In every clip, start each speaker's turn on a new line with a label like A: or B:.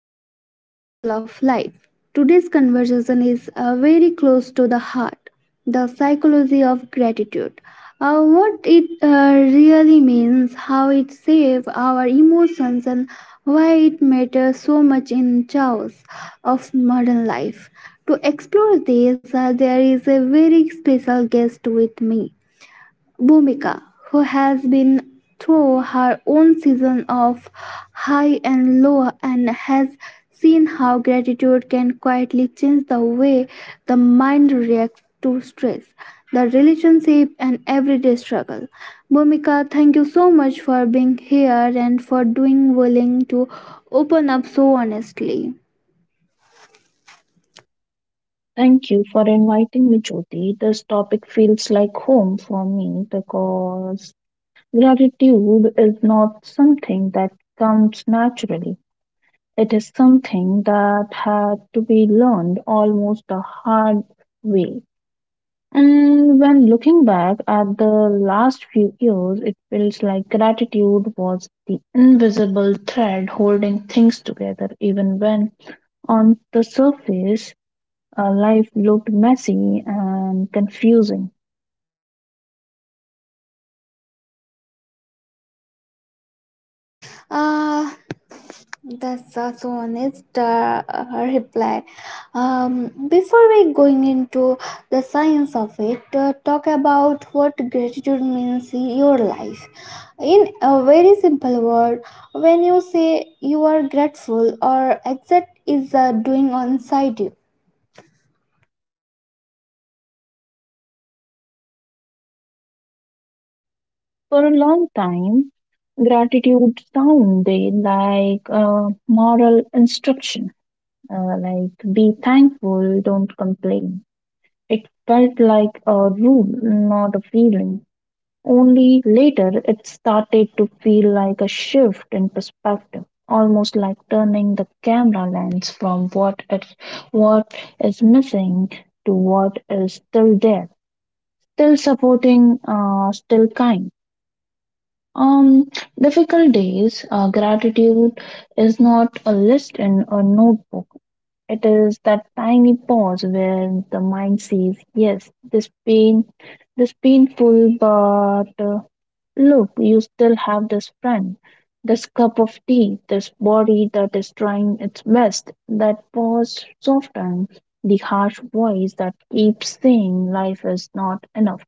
A: welcome back to Sparkle of Life. Today's conversation is very close to the heart, the psychology of gratitude. What it really means, how it saves our emotions, and why it matters so much in chaos of modern life. To explore this, there is a very special guest with me. Bhumika, who has been through her own season of high and low and has seen how gratitude can quietly change the way the mind reacts to stress, the relationship, and everyday struggle. Bhumika, thank you so much for being here and for doing willing to open up so honestly.
B: Thank you for inviting me, Jyoti. This topic feels like home for me because gratitude is not something that comes naturally. It is something that had to be learned almost a hard way. And when looking back at the last few years, it feels like gratitude was the invisible thread holding things together, even when on the surface life looked messy and confusing.
A: Uh, That's such honest reply. Before we going into the science of it, talk about what gratitude means in your life. In a very simple word, when you say you are grateful or exact is doing on side you,
B: For a long time, gratitude sounded like a moral instruction, like be thankful, don't complain. It felt like a rule, not a feeling. Only later it started to feel like a shift in perspective, almost like turning the camera lens from what is missing to what is still there. Still supporting, still kind. Um, Difficult days, gratitude is not a list in a notebook. It is that tiny pause where the mind says, yes, this pain, this painful, but look, you still have this friend, this cup of tea, this body that is trying its best. That pause softens the harsh voice that keeps saying life is not enough.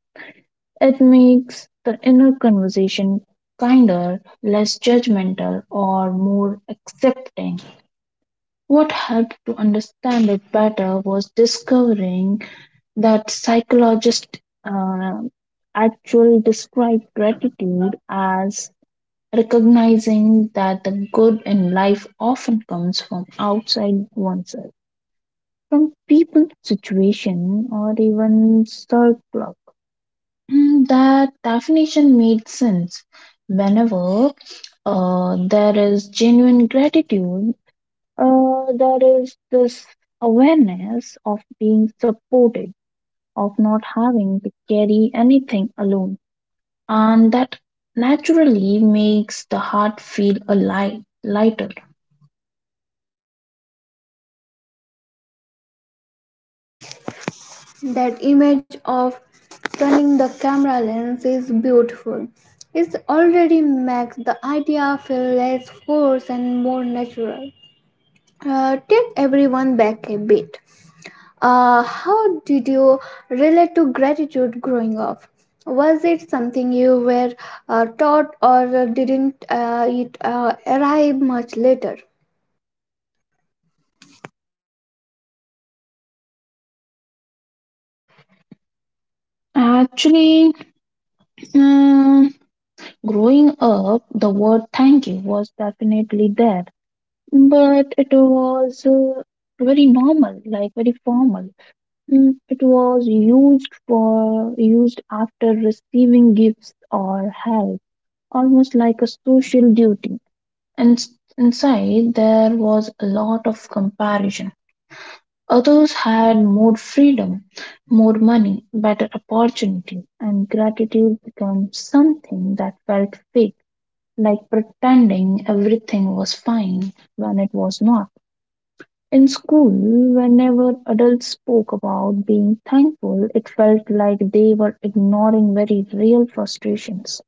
B: It makes the inner conversation kinder, less judgmental, or more accepting. What helped to understand it better was discovering that psychologists actually describe gratitude as recognizing that the good in life often comes from outside oneself, from people, situation, or even circles. Mm, that definition made sense. Whenever there is genuine gratitude, there is this awareness of being supported, of not having to carry anything alone. And that naturally makes the heart feel a light, lighter.
A: that image of turning the camera lens is beautiful. It already makes the idea feel less forced and more natural. Take everyone back a bit. How did you relate to gratitude growing up? Was it something you were taught or didn't it arrive much later?
B: Actually, um, growing up, the word thank you was definitely there but it was very normal, like very formal. Mm, it was used for used after receiving gifts or help, almost like a social duty. And inside there was a lot of comparison. Others had more freedom, more money, better opportunity, and gratitude became something that felt fake, like pretending everything was fine when it was not. In school, whenever adults spoke about being thankful, it felt like they were ignoring very real frustrations.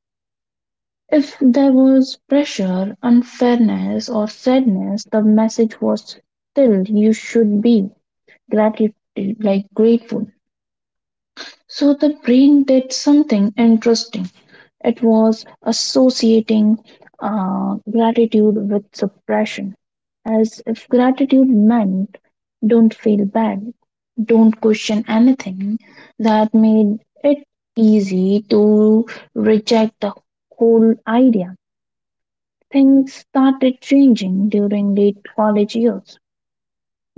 B: If there was pressure, unfairness, or sadness, the message was still you should be gratitude, like grateful. So the brain did something interesting. It was associating gratitude with suppression, as if gratitude meant don't feel bad, don't question anything. That made it easy to reject the whole idea. Things started changing during late college years.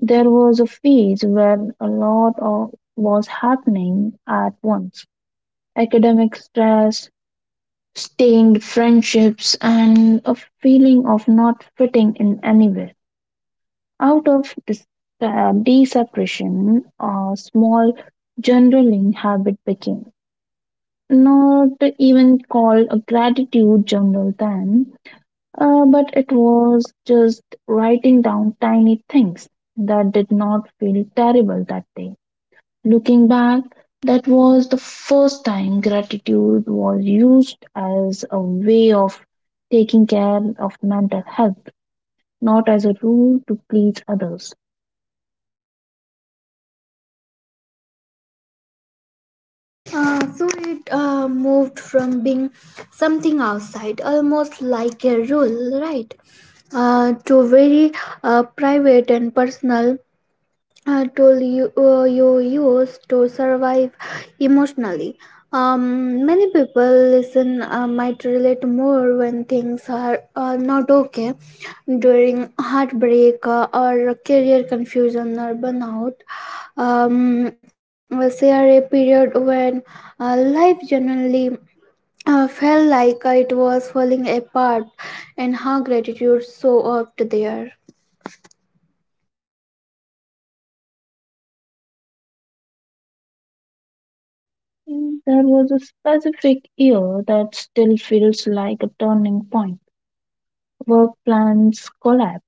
B: There was a phase where a lot of was happening at once academic stress, stained friendships, and a feeling of not fitting in anywhere. Out of this desuppression, a small journaling habit became not even called a gratitude journal then, but it was just writing down tiny things that did not feel terrible that day. Looking back, that was the first time gratitude was used as a way of taking care of mental health, not as a rule to please others.
A: So it moved from being something outside, almost like a rule, right? To very private and personal tool you, you use to survive emotionally. Many people listen might relate more when things are not okay during heartbreak or career confusion or burnout. Was there a period when life genuinely felt like it was falling apart, and how gratitude so up there.
B: And there was a specific year that still feels like a turning point. Work plans collapsed,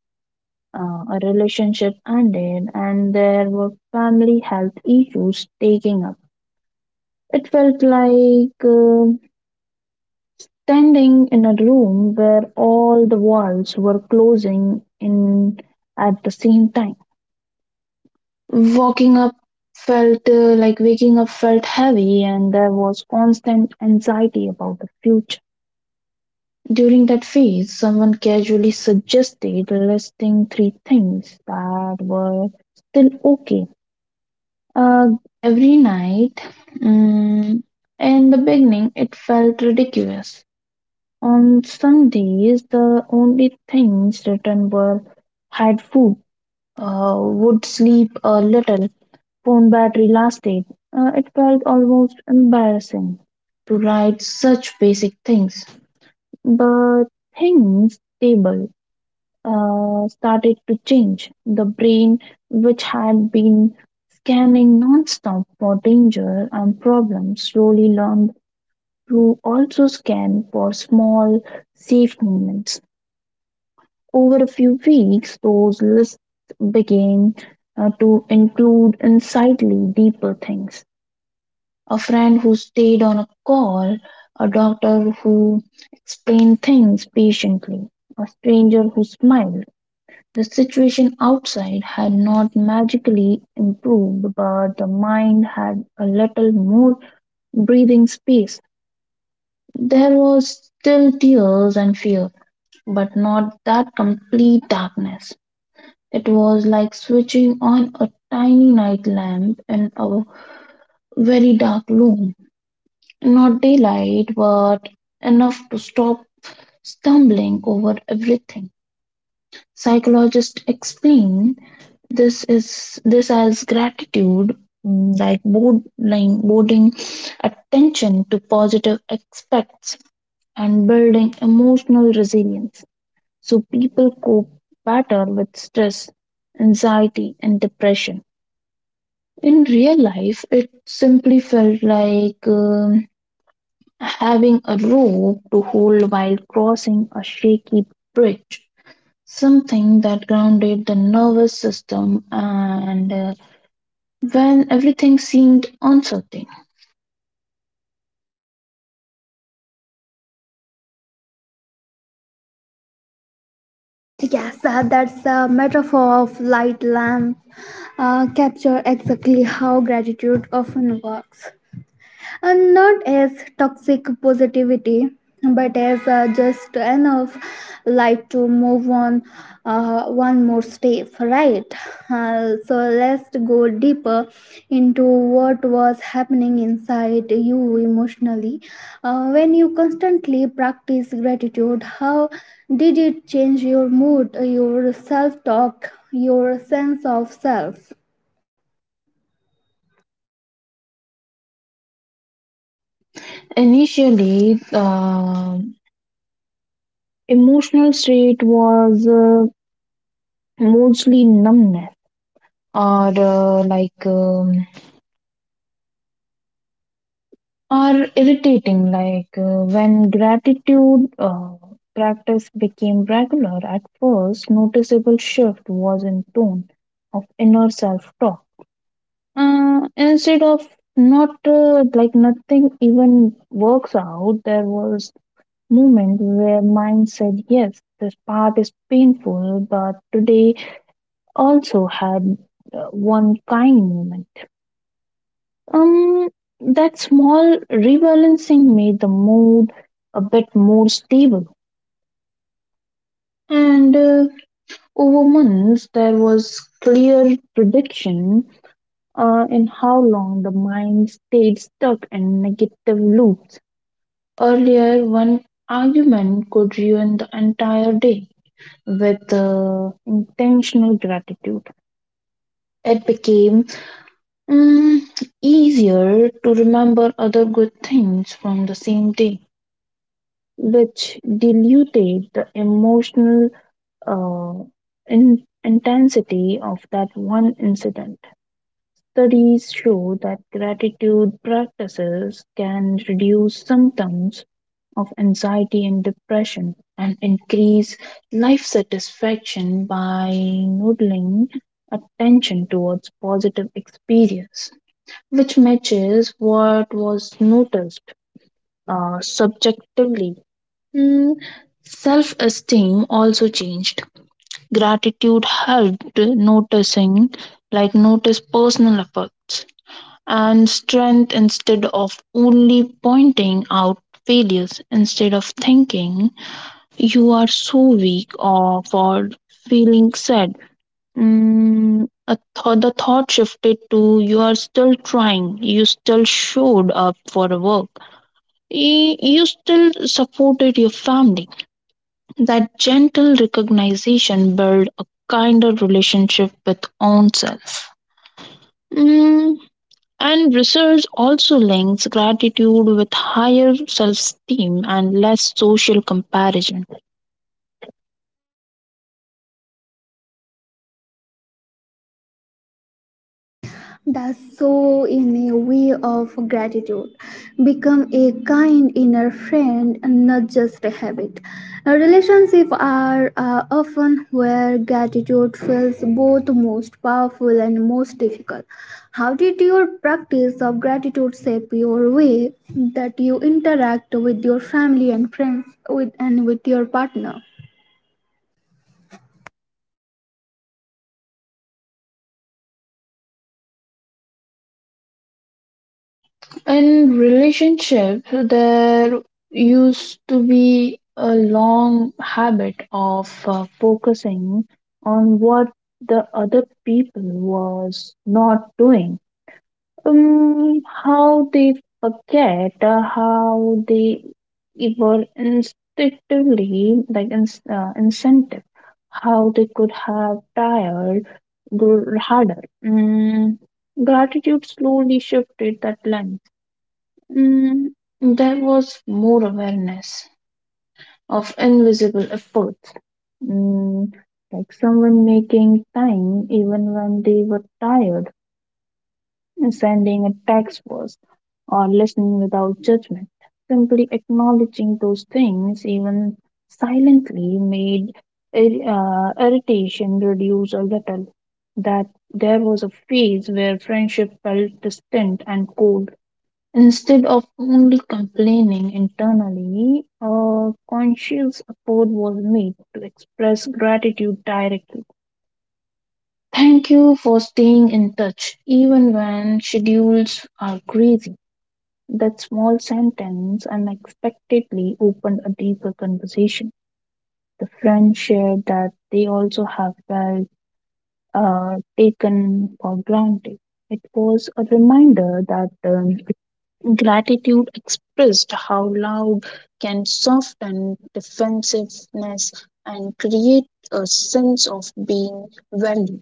B: a relationship ended, and there were family health issues taking up. It felt like standing in a room where all the walls were closing in at the same time. Walking up felt like Waking up felt heavy, and there was constant anxiety about the future. During that phase, someone casually suggested listing three things that were still okay. Uh, every night, mm, in the beginning, it felt ridiculous. On some days the only things written were "had food", "would sleep a little", "phone battery lasted". It felt almost embarrassing to write such basic things. But things stable started to change. The brain, which had been scanning nonstop for danger and problems, slowly learned to also scan for small, safe moments. Over a few weeks, those lists began to include insightly deeper things. A friend who stayed on a call, a doctor who explained things patiently, a stranger who smiled. The situation outside had not magically improved, but the mind had a little more breathing space. There was still tears and fear, but not that complete darkness. It was like switching on a tiny night lamp in a very dark room. Not daylight, but enough to stop stumbling over everything. Psychologists explain this as gratitude, mm, like boarding, boarding attention to positive aspects and building emotional resilience so people cope better with stress, anxiety, and depression. In real life, it simply felt like having a rope to hold while crossing a shaky bridge, something that grounded the nervous system and when everything seemed uncertain.
A: Yes, that's a metaphor of light lamp capture exactly how gratitude often works and not as toxic positivity but as just enough light to move on one more step, right. So let's go deeper into what was happening inside you emotionally when you constantly practice gratitude, how did it change your mood, your self talk, your sense of self?
B: Initially, emotional state was mostly numbness or are irritating, like when gratitude practice became regular, at first, noticeable shift was in tone of inner self talk. Instead of not like nothing even works out, there was moment where mind said, yes, this part is painful, but today also had one kind moment. um, that small rebalancing made the mood a bit more stable. And over months, there was clear prediction in how long the mind stayed stuck in negative loops. Earlier, one argument could ruin the entire day. With intentional gratitude, it became mm, easier to remember other good things from the same day, which diluted the emotional uh, intensity of that one incident. Studies show that gratitude practices can reduce symptoms of anxiety and depression and increase life satisfaction by noodling attention towards positive experience, which matches what was noticed subjectively. Mm, self-esteem also changed. Gratitude helped noticing, like notice personal efforts and strength instead of only pointing out failures. Instead of thinking you are so weak or for feeling sad. Mm, a the thought shifted to you are still trying, you still showed up for work, you still supported your family. That gentle recognition builds a kinder relationship with oneself. Mm, and research also links gratitude with higher self esteem and less social comparison.
A: Does so in a way of gratitude become a kind inner friend and not just a habit? Relationships are often where gratitude feels both most powerful and most difficult. How did your practice of gratitude shape your way that you interact with your family and friends with, and with your partner?
B: In relationship, there used to be a long habit of focusing on what the other people was not doing, how they forget, how they were instinctively like in, incentive, how they could have tired grew harder. Gratitude slowly shifted that lens. um, there was more awareness of invisible efforts, um, like someone making time even when they were tired, sending a text was, or listening without judgment. Simply acknowledging those things, even silently, made irritation reduce a little. That there was a phase where friendship felt distant and cold. Instead of only complaining internally, a conscious effort was made to express gratitude directly. Thank you for staying in touch, even when schedules are crazy. That small sentence unexpectedly opened a deeper conversation. The friends shared that they also have felt taken for granted. It was a reminder that gratitude expressed how loud can soften defensiveness and create a sense of being valued.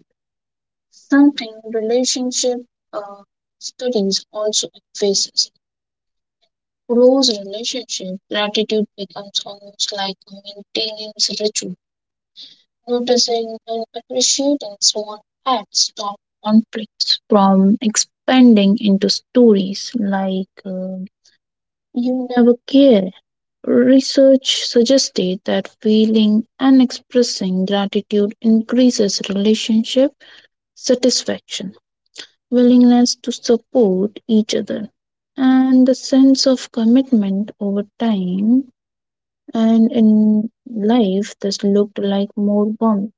B: Something relationship uh, studies also emphasize. Close relationship, gratitude becomes almost like a maintenance ritual. Noticing and appreciating small acts stop conflicts from expanding into stories like you never care. Research suggested that feeling and expressing gratitude increases relationship satisfaction, willingness to support each other, and the sense of commitment over time. And in life this looked like more warmth,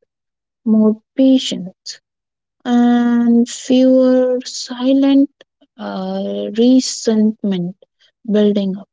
B: more patience, and fewer silent resentment building up.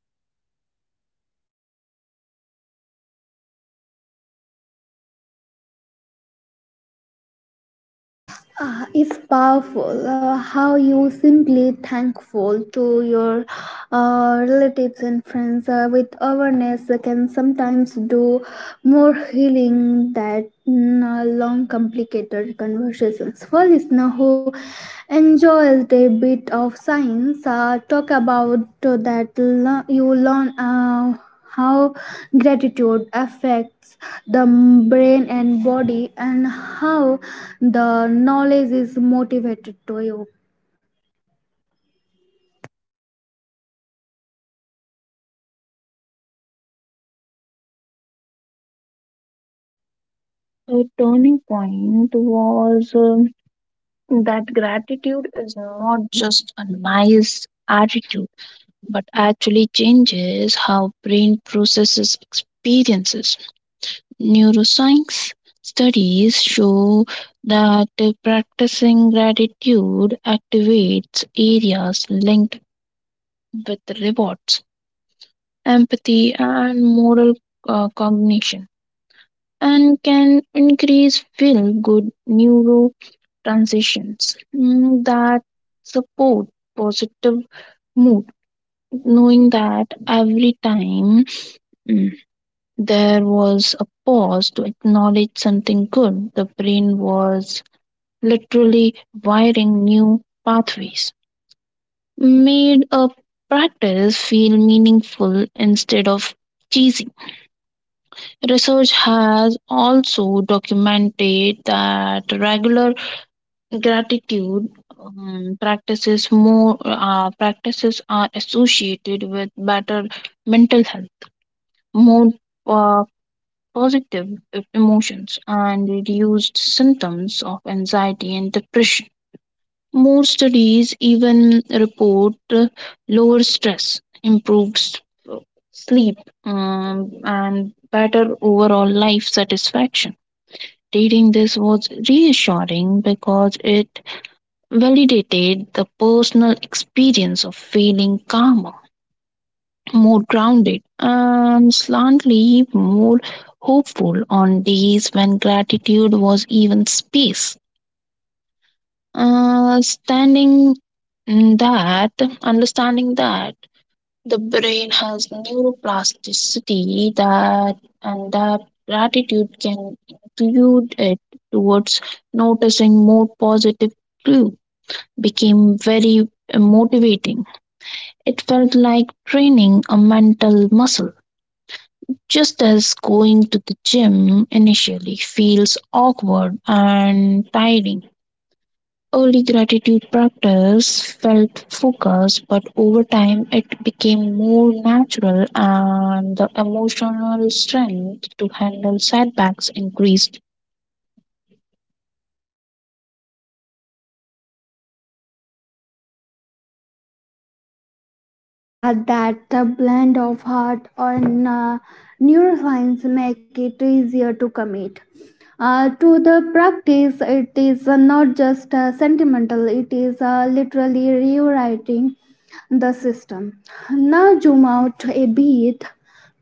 A: Ah, it's powerful how you simply thankful to your relatives and friends with awareness can sometimes do more healing than long complicated conversations. For listeners who enjoys a bit of science, talk about that you learn, how gratitude affects the brain and body and how the knowledge is motivated to you.
B: A turning point was that gratitude is not just a nice attitude but actually changes how brain processes experiences. Neuroscience studies show that practicing gratitude activates areas linked with rewards, empathy, and moral cognition. And can increase feel good neurotransitions, mm, that support positive mood, knowing that every time, mm, there was a pause to acknowledge something good. The brain was literally wiring new pathways. Made a practice feel meaningful instead of cheesy. Research has also documented that regular gratitude practices are associated with better mental health, more uh, positive emotions and reduced symptoms of anxiety and depression. More studies even report lower stress, improved sleep, and better overall life satisfaction. Reading this was reassuring because it validated the personal experience of feeling calmer, more grounded and slantly more hopeful on days when gratitude was even space. Uh, standing that, Understanding that the brain has neuroplasticity that and that gratitude can include it towards noticing more positive clue became very motivating. It felt like training a mental muscle. Just as going to the gym initially feels awkward and tiring, early gratitude practice felt focused, but over time it became more natural and the emotional strength to handle setbacks increased.
A: At that the blend of heart and neuroscience make it easier to commit. To the practice, it is not just sentimental, it is literally rewriting the system. Now zoom out a bit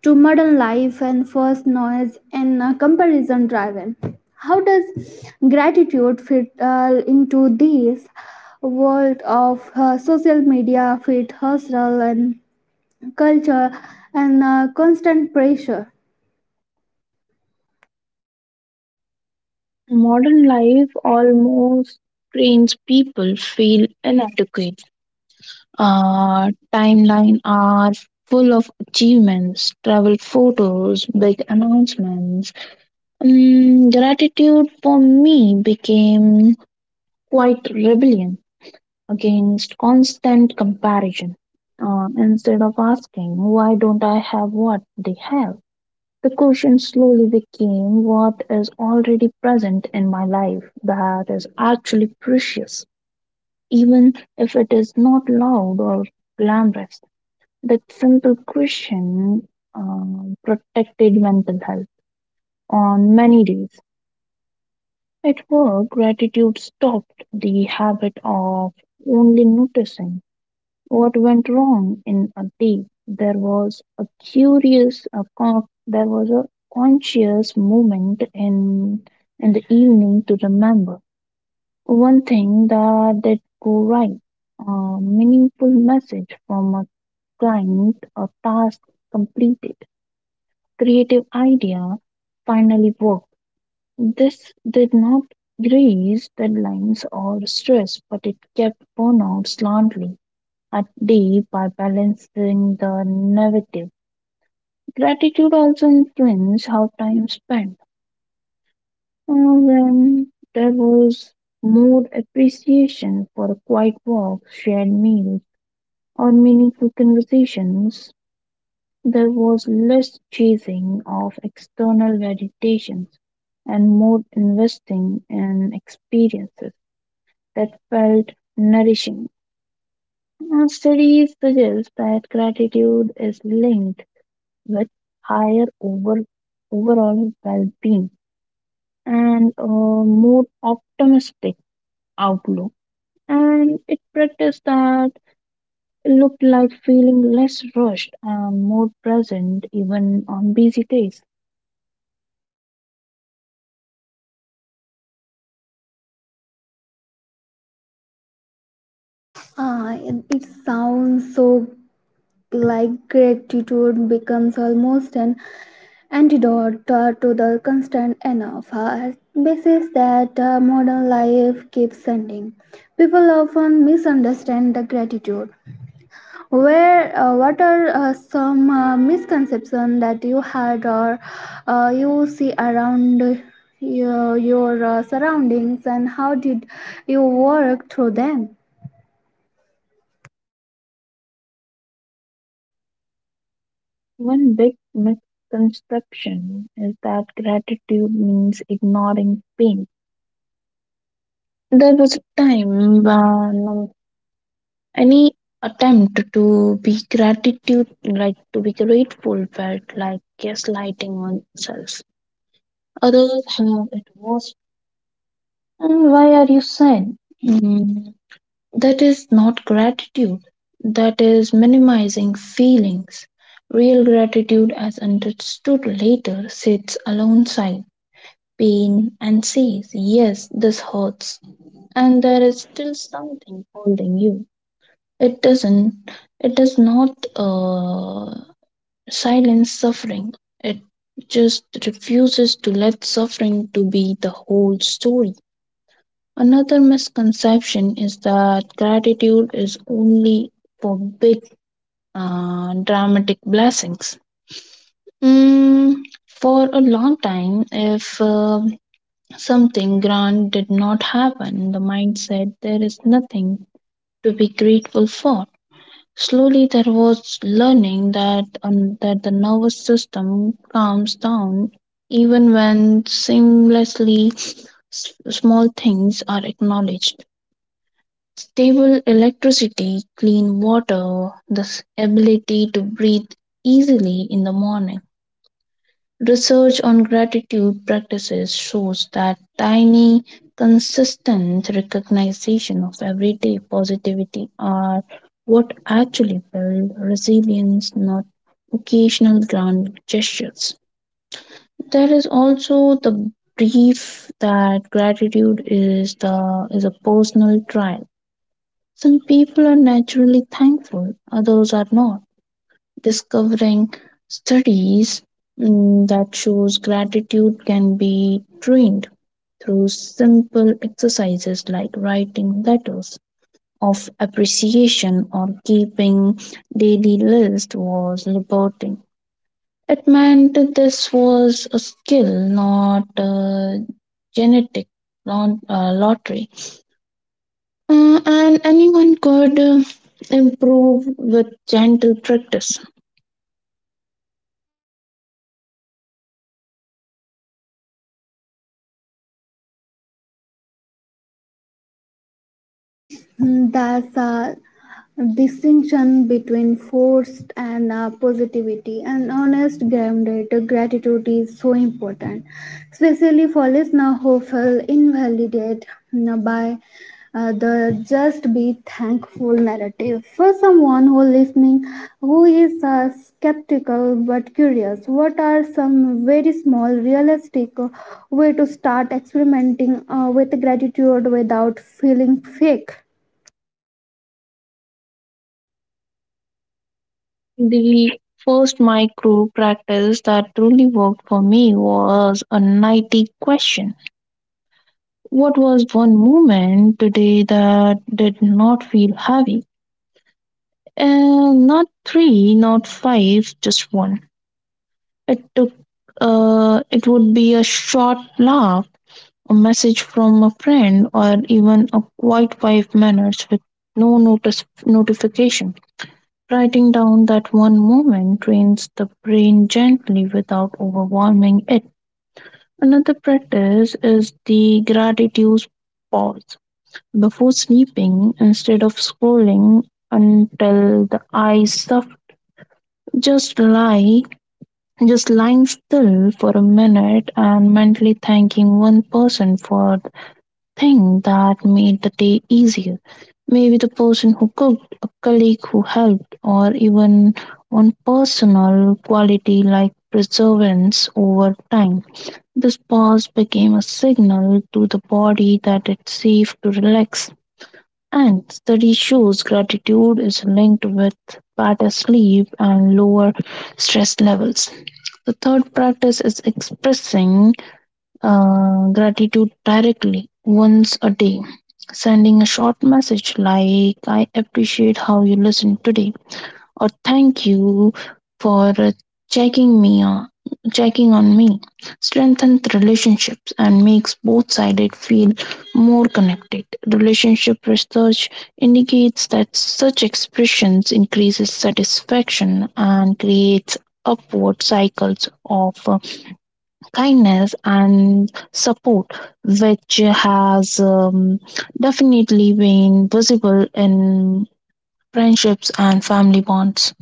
A: to modern life and first noise and comparison driven. How does gratitude fit into this world of social media, fit hustle, and culture and constant pressure.
B: Modern life almost trains people feel inadequate. Our timeline are full of achievements, travel photos, big announcements. Gratitude for me became quite rebellion against constant comparison. Instead of asking, why don't I have what they have? The question slowly became what is already present in my life that is actually precious, even if it is not loud or glamorous. That simple question protected mental health on many days. At work, gratitude stopped the habit of only noticing what went wrong in a day. There was a curious, a con- there was a conscious moment in the evening to remember one thing that did go right, a meaningful message from a client, a task completed, creative idea finally worked. This did not grease deadlines or stress, but it kept burnout slightly at day by balancing the negative. Gratitude also influenced how time spent. Uh, When there was more appreciation for quiet walks, shared meals, or meaningful conversations, there was less chasing of external validations and more investing in experiences that felt nourishing. And studies suggest that gratitude is linked with higher over, overall well being and a more optimistic outlook. And it practice that looked like feeling less rushed and more present even on busy days.
A: It sounds so like gratitude becomes almost an antidote to the constant enough basis that modern life keeps sending. People often misunderstand the gratitude where what are some misconceptions that you had or you see around your surroundings, and how did you work through them?
B: One big misconception is that gratitude means ignoring pain. There was a time when any attempt to be gratitude like to be grateful felt like gaslighting oneself, others have it worse and why are you sad. Mm, that is not gratitude, that is minimizing feelings. Real gratitude as understood later sits alongside pain and says yes this hurts, and there is still something holding you. It doesn't. It does not silence suffering. It just refuses to let suffering to be the whole story. Another misconception is that gratitude is only for big dramatic blessings. Mm, for a long time, if something grand did not happen, the mind said there is nothing to be grateful for. Slowly there was learning that the nervous system calms down even when seamlessly small things are acknowledged. Stable electricity, clean water, the ability to breathe easily in the morning. Research on gratitude practices shows that tiny, consistent recognition of everyday positivity are what actually build resilience, not occasional grand gestures. There is also the belief that gratitude is the is a personal trial. Some people are naturally thankful, others are not, discovering studies, that shows gratitude can be trained through simple exercises like writing letters of appreciation or keeping daily list was liberating. It meant that this was a skill, not a genetic lot lottery, and anyone could improve with gentle practice.
A: Mm, that's a distinction between forced and positivity and honest grounded gratitude is so important, especially for listeners who feel invalidated by the just be thankful narrative. For someone who listening who is skeptical but curious, what are some very small realistic way to start experimenting with gratitude without feeling fake?
B: The first micro practice that truly worked for me was a nightly question. What was one moment today that did not feel heavy? And not three, not five, just one. It took it would be a short laugh, a message from a friend, or even a quiet 5 minutes with no notice notification. Writing down that one moment trains the brain gently without overwhelming it. Another practice is the gratitude pause. Before sleeping, instead of scrolling until the eyes suffer, just lie, just lying still for a minute and mentally thanking one person for thing that made the day easier. Maybe the person who cooked, a colleague who helped, or even one personal quality like perseverance over time. This pause became a signal to the body that it's safe to relax. And study shows gratitude is linked with better sleep and lower stress levels. The third practice is expressing gratitude directly once a day, sending a short message like, I appreciate how you listened today, or thank you for checking me on. Checking on me strengthens relationships and makes both sides feel more connected. Relationship research indicates that such expressions increases satisfaction and creates upward cycles of kindness and support, which has definitely been visible in friendships and family bonds.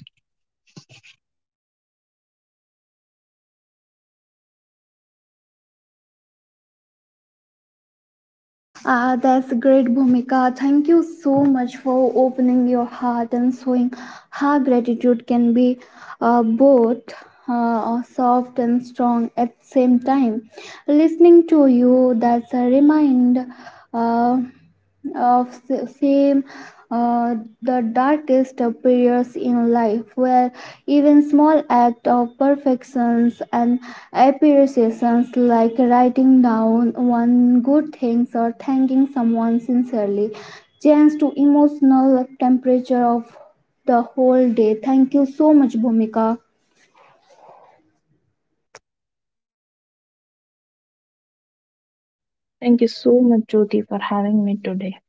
A: That's great, Bhumika. Thank you so much for opening your heart and showing how gratitude can be both soft and strong at the same time. Listening to you, that's a reminder. Uh, of same uh, the darkest periods in life where even small act of perfections and appreciations, like writing down one good things or thanking someone sincerely, change to emotional temperature of the whole day. Thank you so much, Bhumika.
B: Thank you so much, Jyoti, for having me today.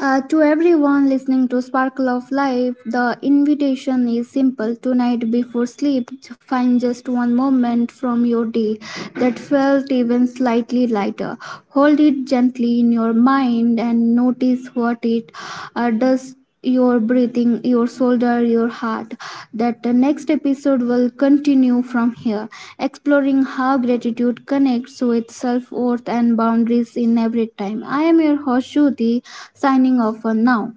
A: To everyone listening to Sparkle of Life, the invitation is simple. Tonight, before sleep, find just one moment from your day that felt even slightly lighter. Hold it gently in your mind and notice what it does, your breathing, your shoulder, your heart. That the next episode will continue from here, exploring how gratitude connects with self worth and boundaries in every time. I am your host, Shruti, signing off for now.